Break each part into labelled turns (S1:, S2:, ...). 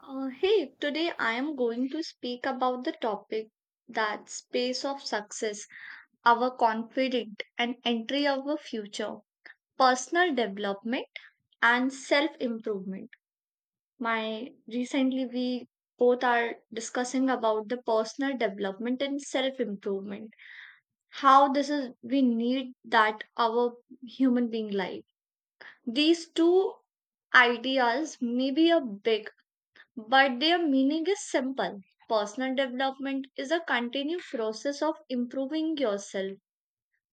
S1: Hey, today I am going to speak about the topic that space of success, our confidence and entry of our future, personal development and self improvement. My recently we both are discussing about the personal development and self improvement. How this is we need that our human being life. These two ideas may be a big but their meaning is simple. Personal development is a continued process of improving yourself,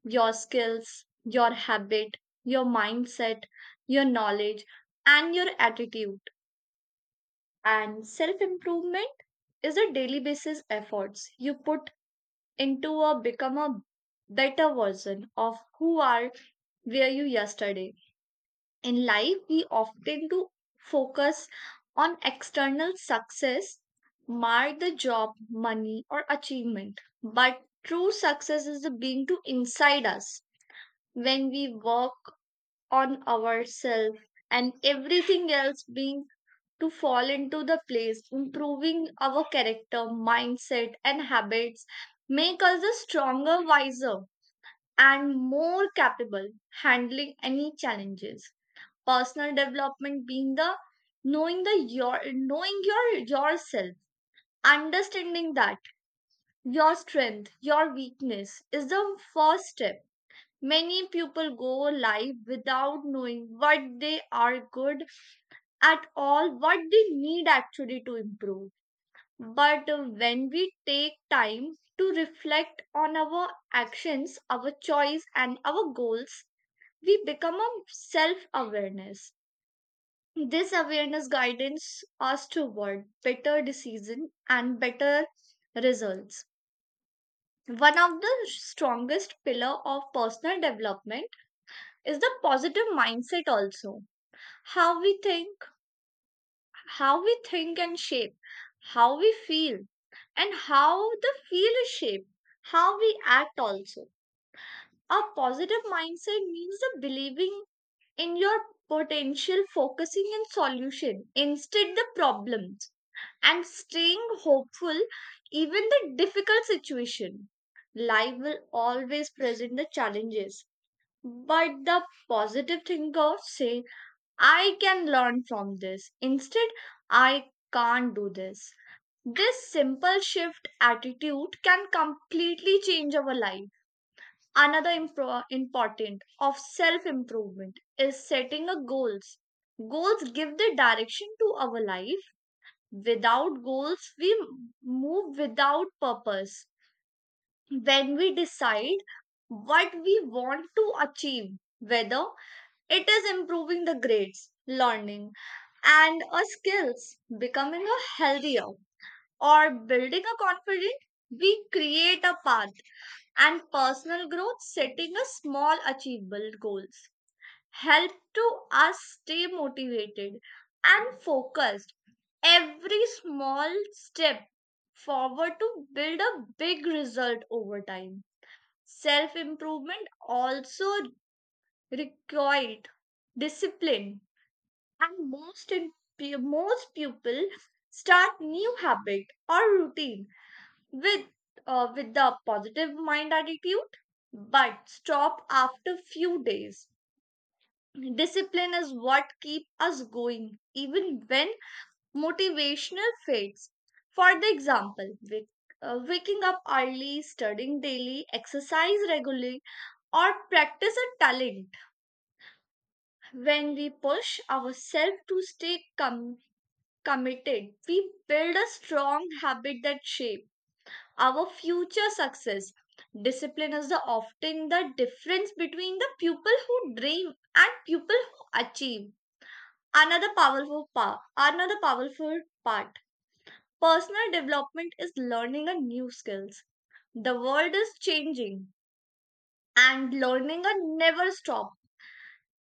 S1: your skills, your habit, your mindset, your knowledge, and your attitude. And self improvement is a daily basis efforts you put into a become a better version of who are where you yesterday. In life, we often do focus on external success, mark the job, money, or achievement. But true success is the being to inside us when we work on ourselves and everything else being to fall into the place. Improving our character, mindset, and habits make us a stronger, wiser, and more capable handling any challenges. Personal development being the knowing the your knowing your yourself, understanding that your strength your weakness is the first step. Many people go live without knowing what they are good at all what they need actually to improve, but when we take time to reflect on our actions, our choice and our goals, we become a self awareness. This awareness guidance us toward better decision and better results. One of the strongest pillar of personal development is the positive mindset also. How we think, how we think and shape, how we feel, and how the feel is shaped, how we act also. A positive mindset means the believing in your potential, focusing in solution instead the problem, and staying hopeful even the difficult situation. Life will always present the challenges, but the positive thinker say I can learn from this instead I can't do this. This simple shift attitude can completely change our life. Another important of self improvement is setting a goals. Goals give the direction to our life. Without goals, we move without purpose. When we decide what we want to achieve, whether it is improving the grades, learning, and our skills, becoming a healthier, or building a confidence, we create a path and personal growth. Setting a small achievable goals help to us stay motivated and focused. Every small step forward to build a big result over time. Self improvement also required discipline, and most people start new habit or routine with with the positive mind attitude, but stop after few days. Discipline is what keep us going even when motivational fits. For the example, waking up early, studying daily, exercise regularly, or practice a talent. When we push ourselves to stay committed, we build a strong habit that shape our future success. Discipline is the often the difference between the people who dream and people who achieve. Another powerful part Personal development is learning a new skills. The world is changing and learning a never stop.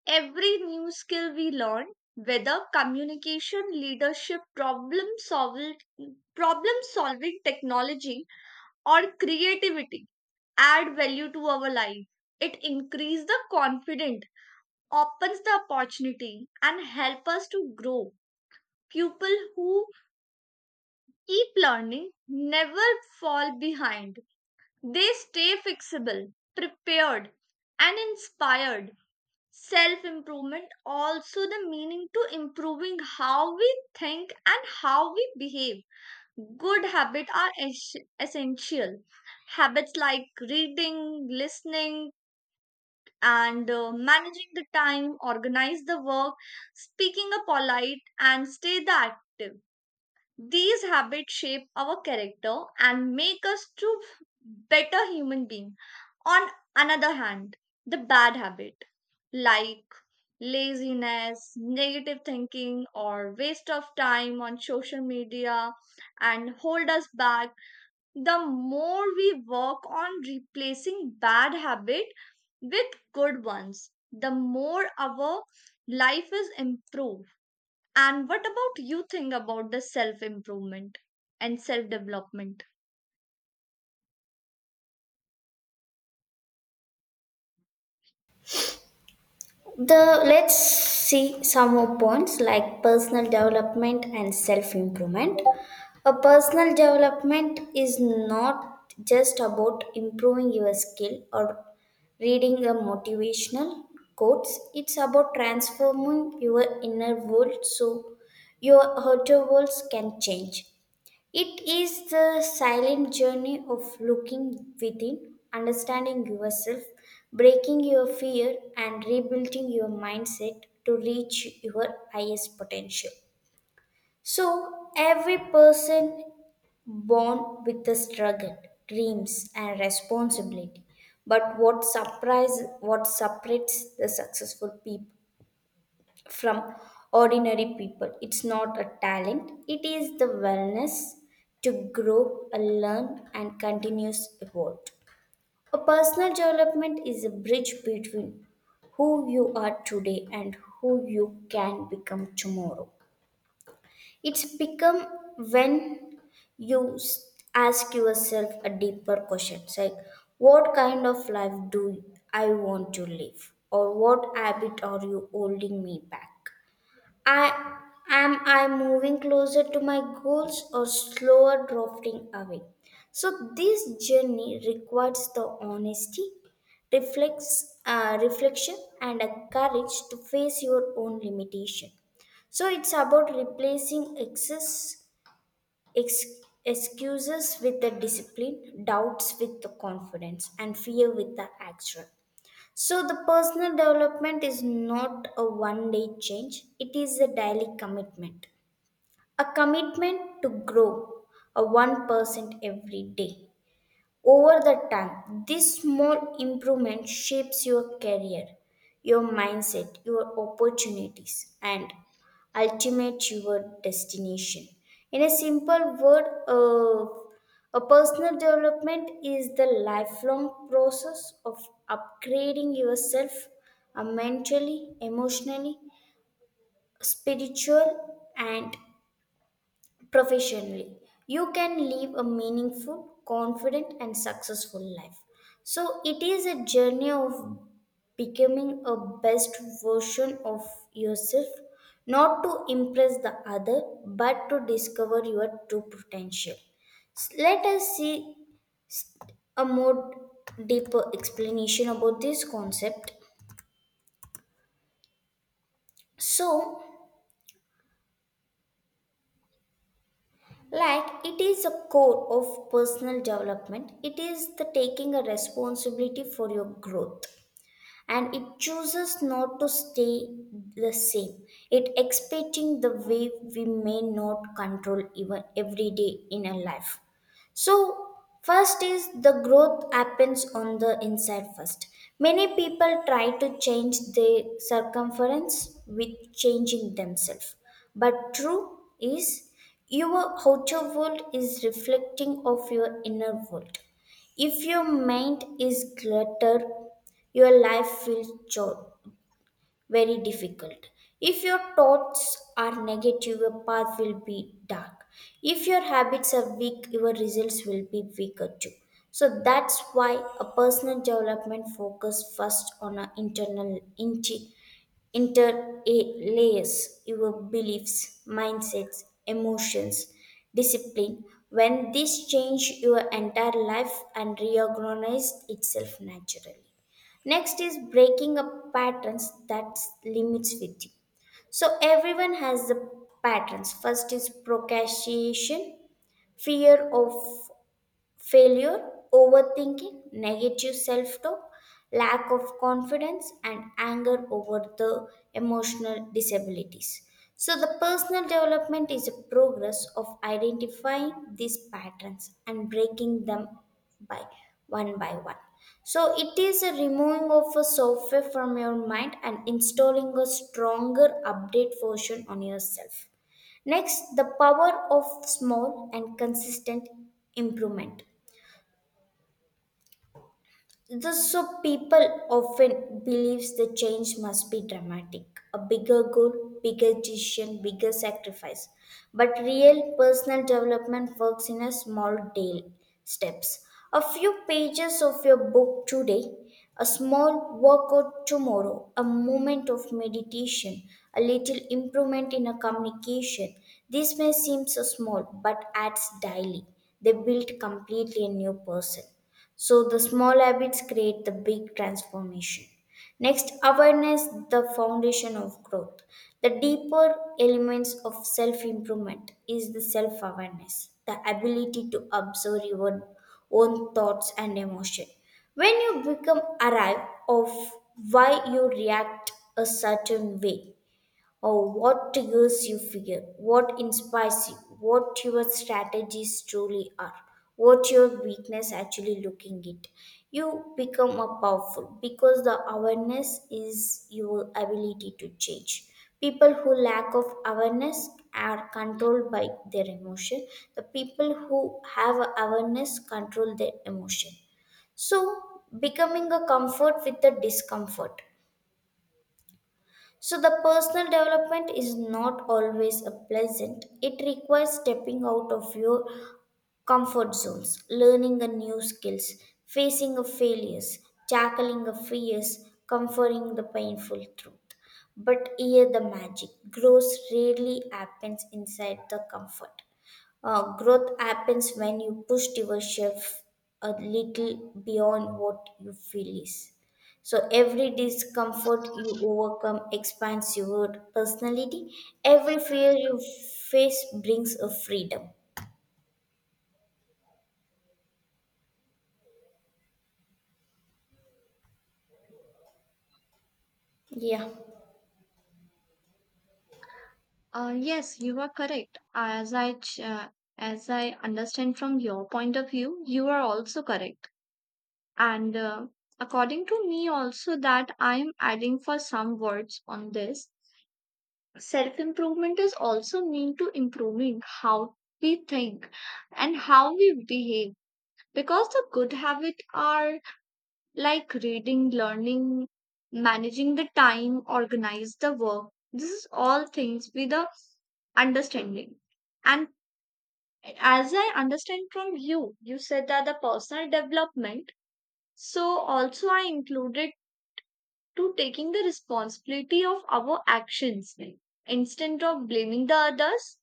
S1: Every new skill we learn, whether communication, leadership, problem solving technology or creativity add value to our life. It increases the confidence, opens the opportunity and help us to grow. People who keep learning never fall behind. They stay fixable, prepared, and inspired. Self improvement also the meaning to improving how we think and how we behave. Good habits are essential. Habits like reading, listening, and managing the time, organize the work, speaking a polite, and stay the active. These habits shape our character and make us to better human being. On another hand, the bad habit like laziness, negative thinking or waste of time on social media and hold us back. The more we work on replacing bad habit with good ones, the more our life is improved. And what about you think about the self improvement and self development?
S2: The Let's see some more points like personal development and self improvement. A personal development is not just about improving your skill or reading a motivational quotes. It's about transforming your inner world so your outer worlds can change. It is the silent journey of looking within, understanding yourself, breaking your fear, and rebuilding your mindset to reach your highest potential. So, every person born with a struggle, dreams, and responsibility. But what surprise, what separates the successful people from ordinary people? It's not a talent, it is the wellness to grow, learn, and continuous evolve. A personal development is a bridge between who you are today and who you can become tomorrow. It's become when ask yourself a deeper question like, what kind of life do I want to live? Or what habit are you holding me back? I Am I moving closer to my goals or slower drifting away? So this journey requires the honesty, reflection, and a courage to face your own limitation. So it's about replacing excuses with the discipline, doubts with the confidence, and fear with the action. So, the personal development is not a one day change, it is a daily commitment. A commitment to grow a 1% every day. Over the time, this small improvement shapes your career, your mindset, your opportunities, and ultimate your destination. In a simple word, a personal development is the lifelong process of upgrading yourself mentally, emotionally, spiritual, and professionally, you can live a meaningful confident and successful life. So it is a journey of becoming a best version of yourself, not to impress the other but to discover your true potential. Let us see a more deeper explanation about this concept. So, like it is a core of personal development, it is the taking a responsibility for your growth, and it chooses not to stay the same. It expecting the way we may not control even every day in a life. So, first is the growth happens on the inside first. Many people try to change their circumference with changing themselves. But true is, your outer world is reflecting of your inner world. If your mind is cluttered, your life will very difficult. If your thoughts are negative, your path will be dark. If your habits are weak, your results will be weaker too. So that's why a personal development focus first on an interlays your beliefs, mindsets, emotions, discipline. When this change your entire life and reorganize itself naturally. Next is breaking up patterns that limits with you. So everyone has the patterns. First is procrastination, fear of failure, overthinking, negative self talk, lack of confidence, and anger over the emotional disabilities. So, the personal development is a progress of identifying these patterns and breaking them by one by one. So, it is a removing of a software from your mind and installing a stronger update version on yourself. Next, the power of small and consistent improvement. This so people often believes the change must be dramatic, a bigger goal, bigger decision, bigger sacrifice. But real personal development works in a small daily steps. A few pages of your book today, a small workout tomorrow, a moment of meditation, a little improvement in a communication. This may seem so small, but adds daily. They build completely a new person. So the small habits create the big transformation. Next, awareness, the foundation of growth. The deeper elements of self improvement is the self awareness, the ability to observe your own thoughts and emotion. When you become aware of why you react a certain way, or what triggers you fear, what inspires you, what your strategies truly are, what your weakness actually looking it. You become a powerful because the awareness is your ability to change. People who lack of awareness are controlled by their emotion. The people who have awareness control their emotion. So becoming a comfort with the discomfort. So, the personal development is not always a pleasant. It requires stepping out of your comfort zones, learning a new skills, facing a failures, tackling a fears, comforting the painful truth. But here the magic grows rarely happens inside the comfort. Growth happens when you push yourself a little beyond what you feel is. So every discomfort you overcome expands your personality. Every fear you face brings a freedom. Yeah.
S1: Yes, you are correct. As I understand from your point of view, you are also correct. And according to me, also that I am adding for some words on this. Self improvement is also mean to improving how we think and how we behave because the good habit are like reading, learning, managing the time, organize the work. This is all things with the understanding. And as I understand from you, you said that the personal development. So also I included to taking the responsibility of our actions instead of blaming the others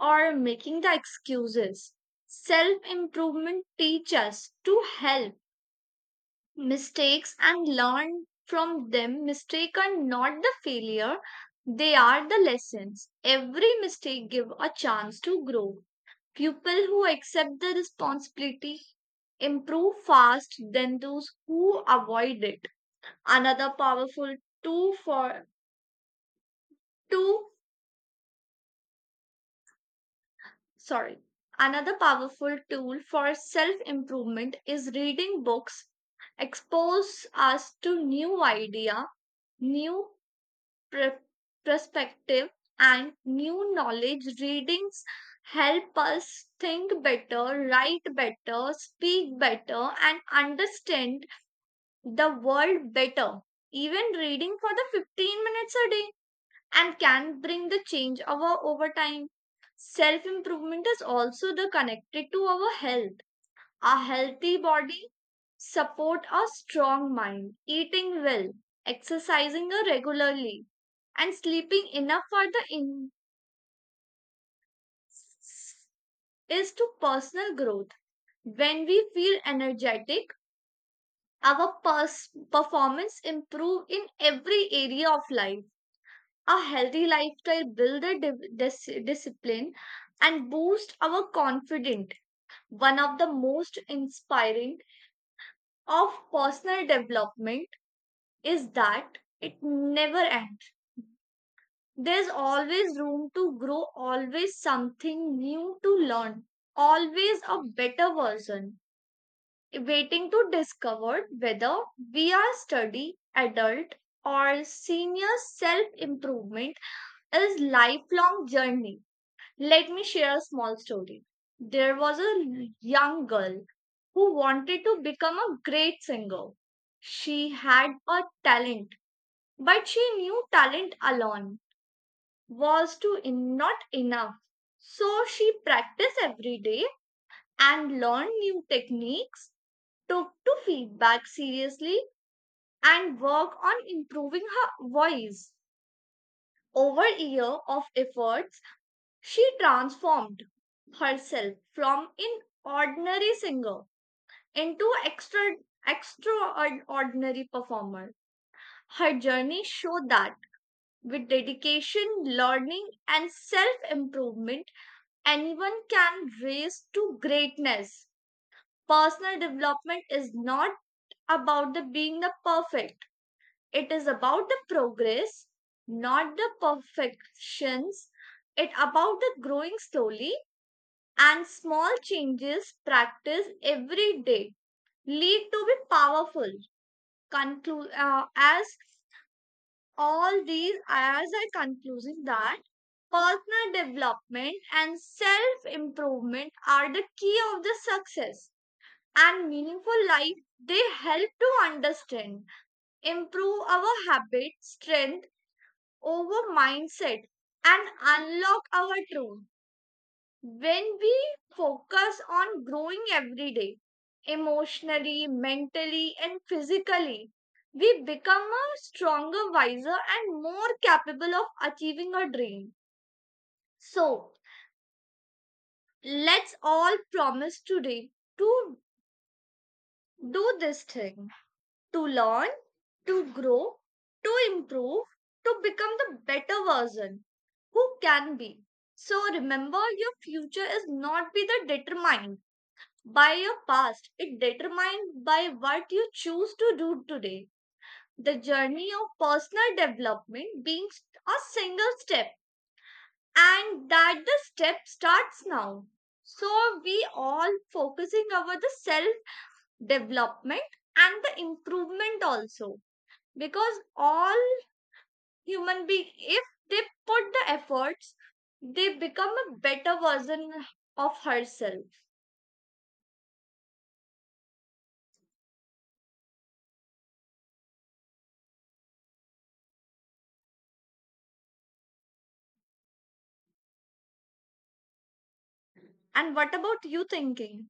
S1: or making the excuses. Self improvement teaches to help mistakes and learn from them. Mistake are not the failure, they are the lessons. Every mistake give a chance to grow. People who accept the responsibility improve fast than those who avoid it. Another powerful tool for two sorry. Another powerful tool for self improvement is reading books expose us to new idea, new pre- perspective and new knowledge. Readings help us think better, write better, speak better and understand the world better. Even reading for the 15 minutes a day and can bring the change over time. Self improvement is also the connected to our health. A healthy body support a strong mind. Eating well, exercising regularly, and sleeping enough for the is to personal growth. When we feel energetic, our performance improve in every area of life. A healthy lifestyle build a discipline and boost our confidence. One of the most inspiring of personal development is that it never ends. There's always room to grow, always something new to learn, always a better version, waiting to discover whether we are study, adult, or senior. Self improvement is lifelong journey. Let me share a small story. There was a young girl who wanted to become a great singer. She had a talent. But she knew talent alone was not enough. So she practiced every day and learned new techniques, took to feedback seriously, and worked on improving her voice. Over a year of efforts, she transformed herself from an ordinary singer into extraordinary performer. Her journey showed that with dedication, learning, and self improvement, anyone can raise to greatness. Personal development is not about the being the perfect. It is about the progress, not the perfections. It about the growing slowly and small changes practice every day lead to be powerful. As all these, as I concluding that personal development and self improvement are the key of the success and meaningful life. They help to understand, improve our habit, strength over mindset, and unlock our truth. When we focus on growing every day, emotionally, mentally, and physically, we become a stronger, wiser, and more capable of achieving our dream. So, let's all promise today to do this thing, to learn, to grow, to improve, to become the better version who can be. So remember, your future is not be the determined by your past. It determined by what you choose to do today. The journey of personal development being a single step and that the step starts now. So we all focusing over the self development and the improvement also, because all human being, if they put the efforts, they become a better version of herself. And what about you thinking?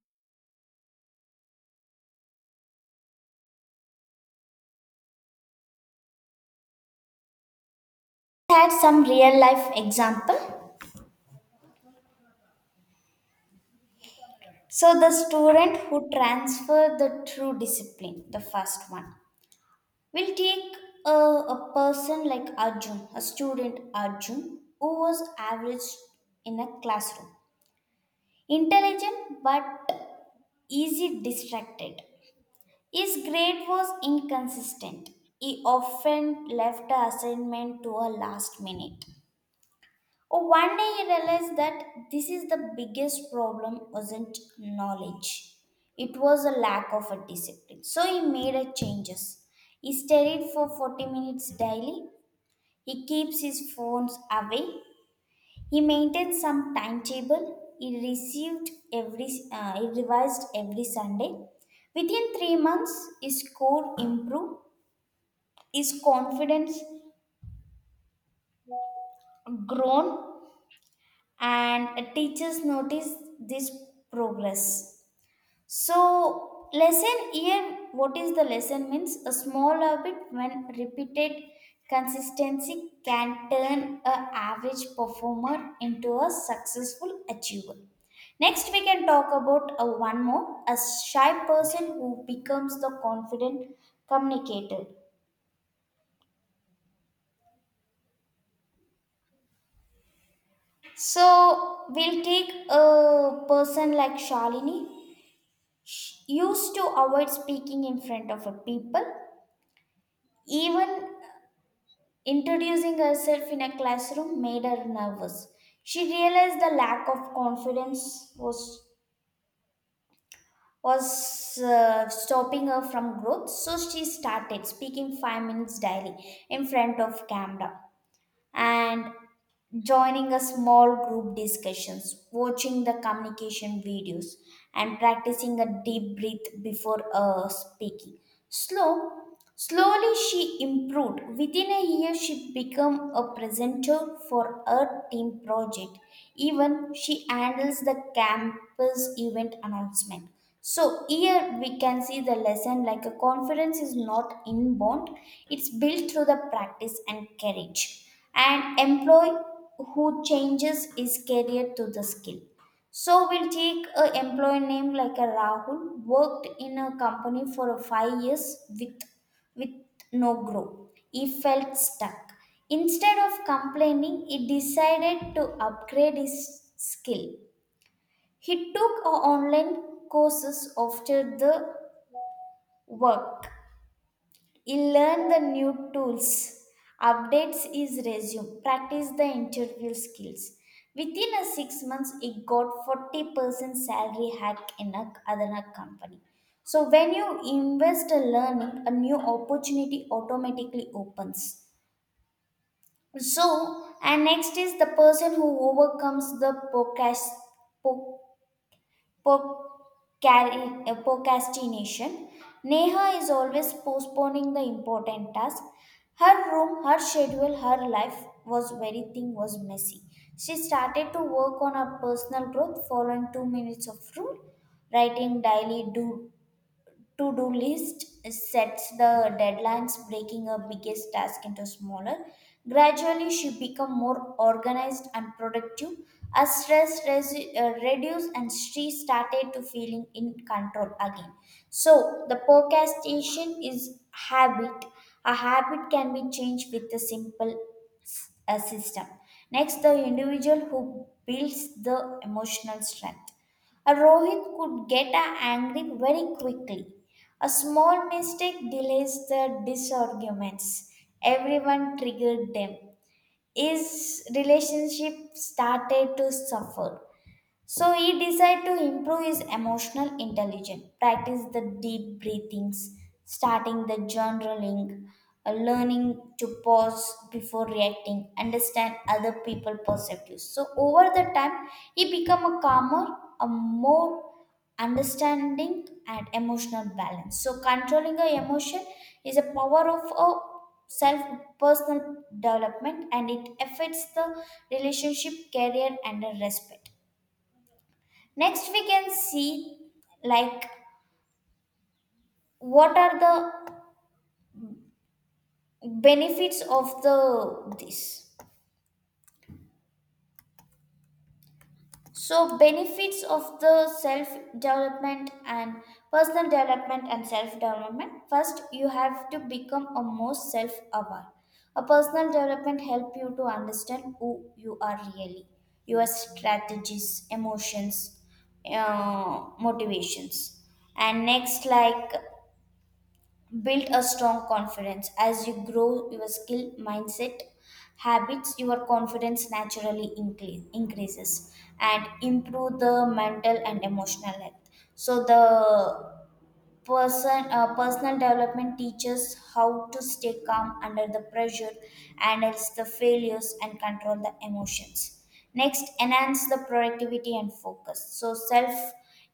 S2: Had some real life example. So the student who transferred the true discipline, the first one. We'll take a person like Arjun, a student Arjun, who was average in a classroom. Intelligent but easy distracted. His grade was inconsistent. He often left the assignment to a last minute. Oh, one day he realized that this is the biggest problem wasn't knowledge. It was a lack of a discipline. So he made a changes. He studied for 40 minutes daily, he keeps his phones away. He maintains some timetable. He revised every Sunday. Within three months, his score improved. His confidence grown, and teachers notice this progress. So, lesson here, what is the lesson means? A small habit when repeated consistency can turn a average performer into a successful achiever. Next, we can talk about a one more, a shy person who becomes the confident communicator. So, we'll take a person like Shalini. She used to avoid speaking in front of a people even introducing herself in a classroom made her nervous. She realized the lack of confidence was stopping her from growth, so she started speaking 5 minutes daily in front of camera and joining a small group discussions, watching the communication videos, and practicing a deep breath before speaking. Slow, slowly she improved. Within a year, she became a presenter for a team project. Even she handles the campus event announcement. So here we can see the lesson like a confidence is not inborn, it's built through the practice and courage. And employee who changes is career to the skill. So we'll take a employee name like a Rahul worked in a company for a five years with no growth. He felt stuck. Instead of complaining, he decided to upgrade his skill. He took online courses after the work. He learned the new tools, updates his resume, practiced the interview skills. Within a six months, he got 40% salary hike in a, another company. So when you invest a learning, a new opportunity automatically opens. So, and next is the person who overcomes the procrastination. Neha is always postponing the important task. Her room, her schedule, her life was very thing was messy. She started to work on her personal growth following two minutes of rule, writing daily do to-do list, sets the deadlines, breaking her biggest task into smaller, gradually she become more organized and productive as stress reduced, and she started to feeling in control again. So the procrastination is habit a habit can be changed with a simple a system. Next, the individual who builds the emotional strength, a Rohit could get a angry very quickly. A small mistake delays the disarguments. Everyone triggered them. His relationship started to suffer. So he decided to improve his emotional intelligence, practice the deep breathings, starting the journaling, learning to pause before reacting, understand other people' perspectives. So over the time, he become a calmer, a more understanding and emotional balance. So controlling a emotion is a power of a self personal development and it affects the relationship, career and the respect. Next, we can see like what are the benefits of the this. So benefits of the self development and personal development and self development. First, you have to become a more self aware. A personal development help you to understand who you are really, your strategies, emotions, motivations, and next like build a strong confidence as you grow your skill mindset habits, your confidence naturally increases and improve the mental and emotional health. So the personal development teaches how to stay calm under the pressure, handles the failures and control the emotions. Next enhance the productivity and focus, so self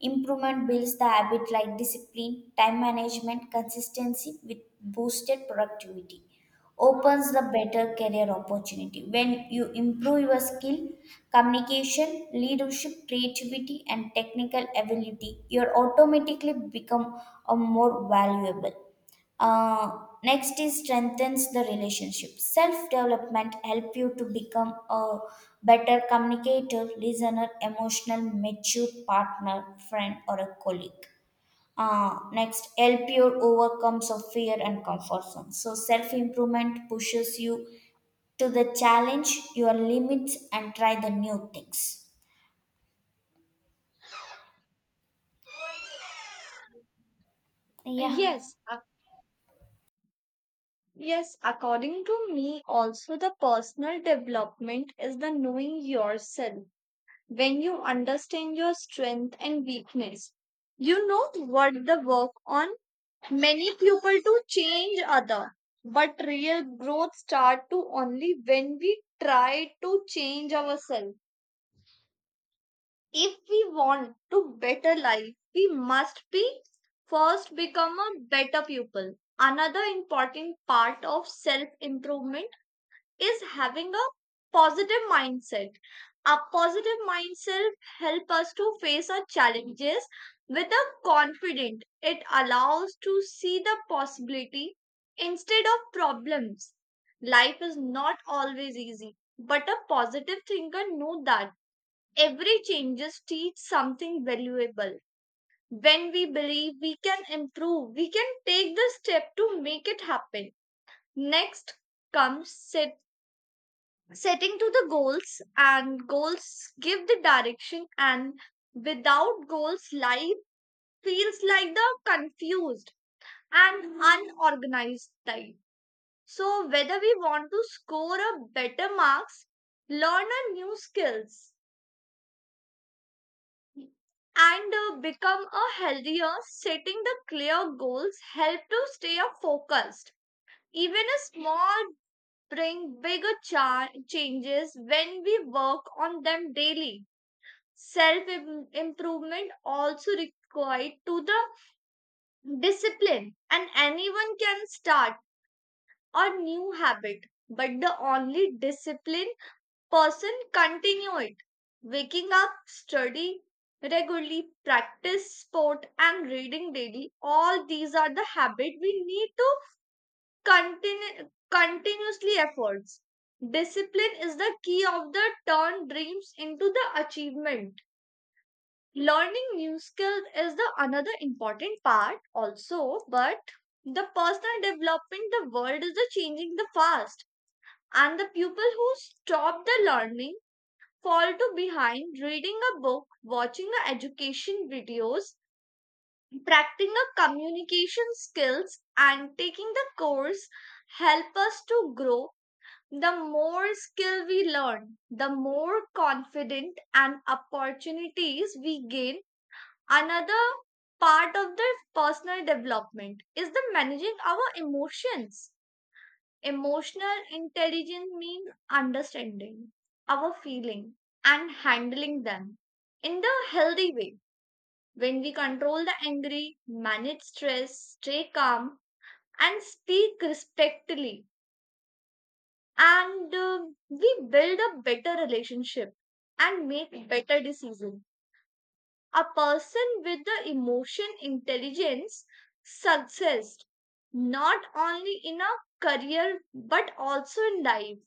S2: improvement builds the habit like discipline time management consistency with boosted productivity, opens the better career opportunity. When you improve your skill, communication, leadership, creativity, and technical ability, you automatically become a more valuable. Uh, Next is strengthens the relationship. Self development help you to become a better communicator, listener, emotional, mature partner, friend, or a colleague. Next, help you overcomes of fear and comfort zone. So self improvement pushes you to the challenge your limits and try the new things. Yeah.
S1: Yes, ac- yes, according to me, also the personal development is the knowing yourself. When you understand your strength and weakness, you know what the work on. Many people to change other, but real growth start to only when we try to change ourselves. If we want to better life we must be first become a better pupil. Another important part of self improvement is having a positive mindset. A positive mindset help us to face our challenges with a confident. It allows to see the possibility instead of problems. Life is not always easy, but a positive thinker know that every changes teach something valuable. When we believe we can improve, we can take the step to make it happen. Next comes setting to the goals, and goals give the direction. And without goals life feels like the confused and unorganized type. So whether we want to score a better marks, learn a new skills, and become a healthier, setting the clear goals help to stay focused. Even a small bring bigger changes when we work on them daily. Self improvement also required to the discipline, and anyone can start a new habit, but the only disciplined person continue it. Waking up, study regularly, practice sport and reading daily, all these are the habit we need to continue continuously efforts. Discipline is the key of the turn dreams into the achievement. Learning new skills is the another important part also, but the personal development, the world is the changing the fast, and the people who stop the learning fall to behind. Reading a book, watching a education videos, practicing a communication skills and taking the course help us to grow. The more skill we learn, the more confident and opportunities we gain. Another part of the personal development is the managing our emotions. Emotional intelligence means understanding our feeling and handling them in the healthy way. When we control the angry, manage stress, stay calm, and speak respectfully, and we build a better relationship and make better decisions. A person with the emotion intelligence success not only in a career but also in life.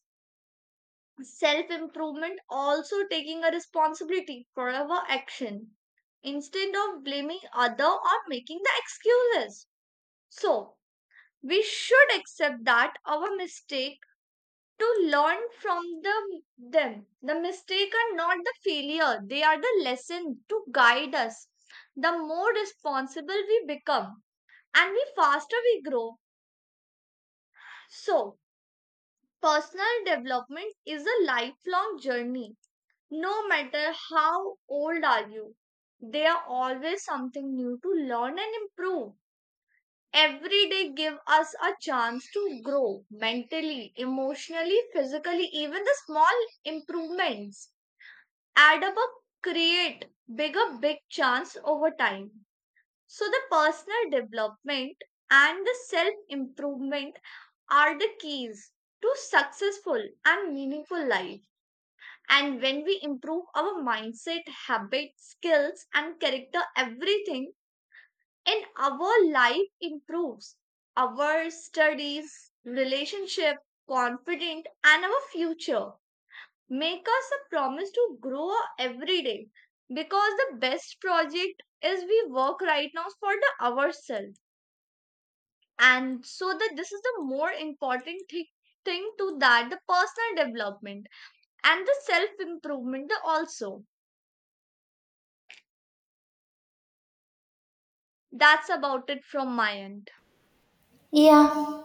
S1: Self improvement also taking a responsibility for our action instead of blaming other or making the excuses. So we should accept that our mistake to learn from them. The mistake are not the failure, they are the lesson to guide us. The more responsible we become and the faster we grow. So, personal development is a lifelong journey. No matter how old are you, there are always something new to learn and improve. Every day give us a chance to grow mentally, emotionally, physically, even the small improvements add up create bigger big chance over time. So the personal development and the self improvement are the keys to successful and meaningful life. And when we improve our mindset, habits, skills and character, everything in our life improves, our studies, relationship, confident and our future. Make us a promise to grow every day because the best project is we work right now for the ourselves. And so that this is the more important thing to that the personal development and the self improvement also. That's about it from my end.
S2: Yeah,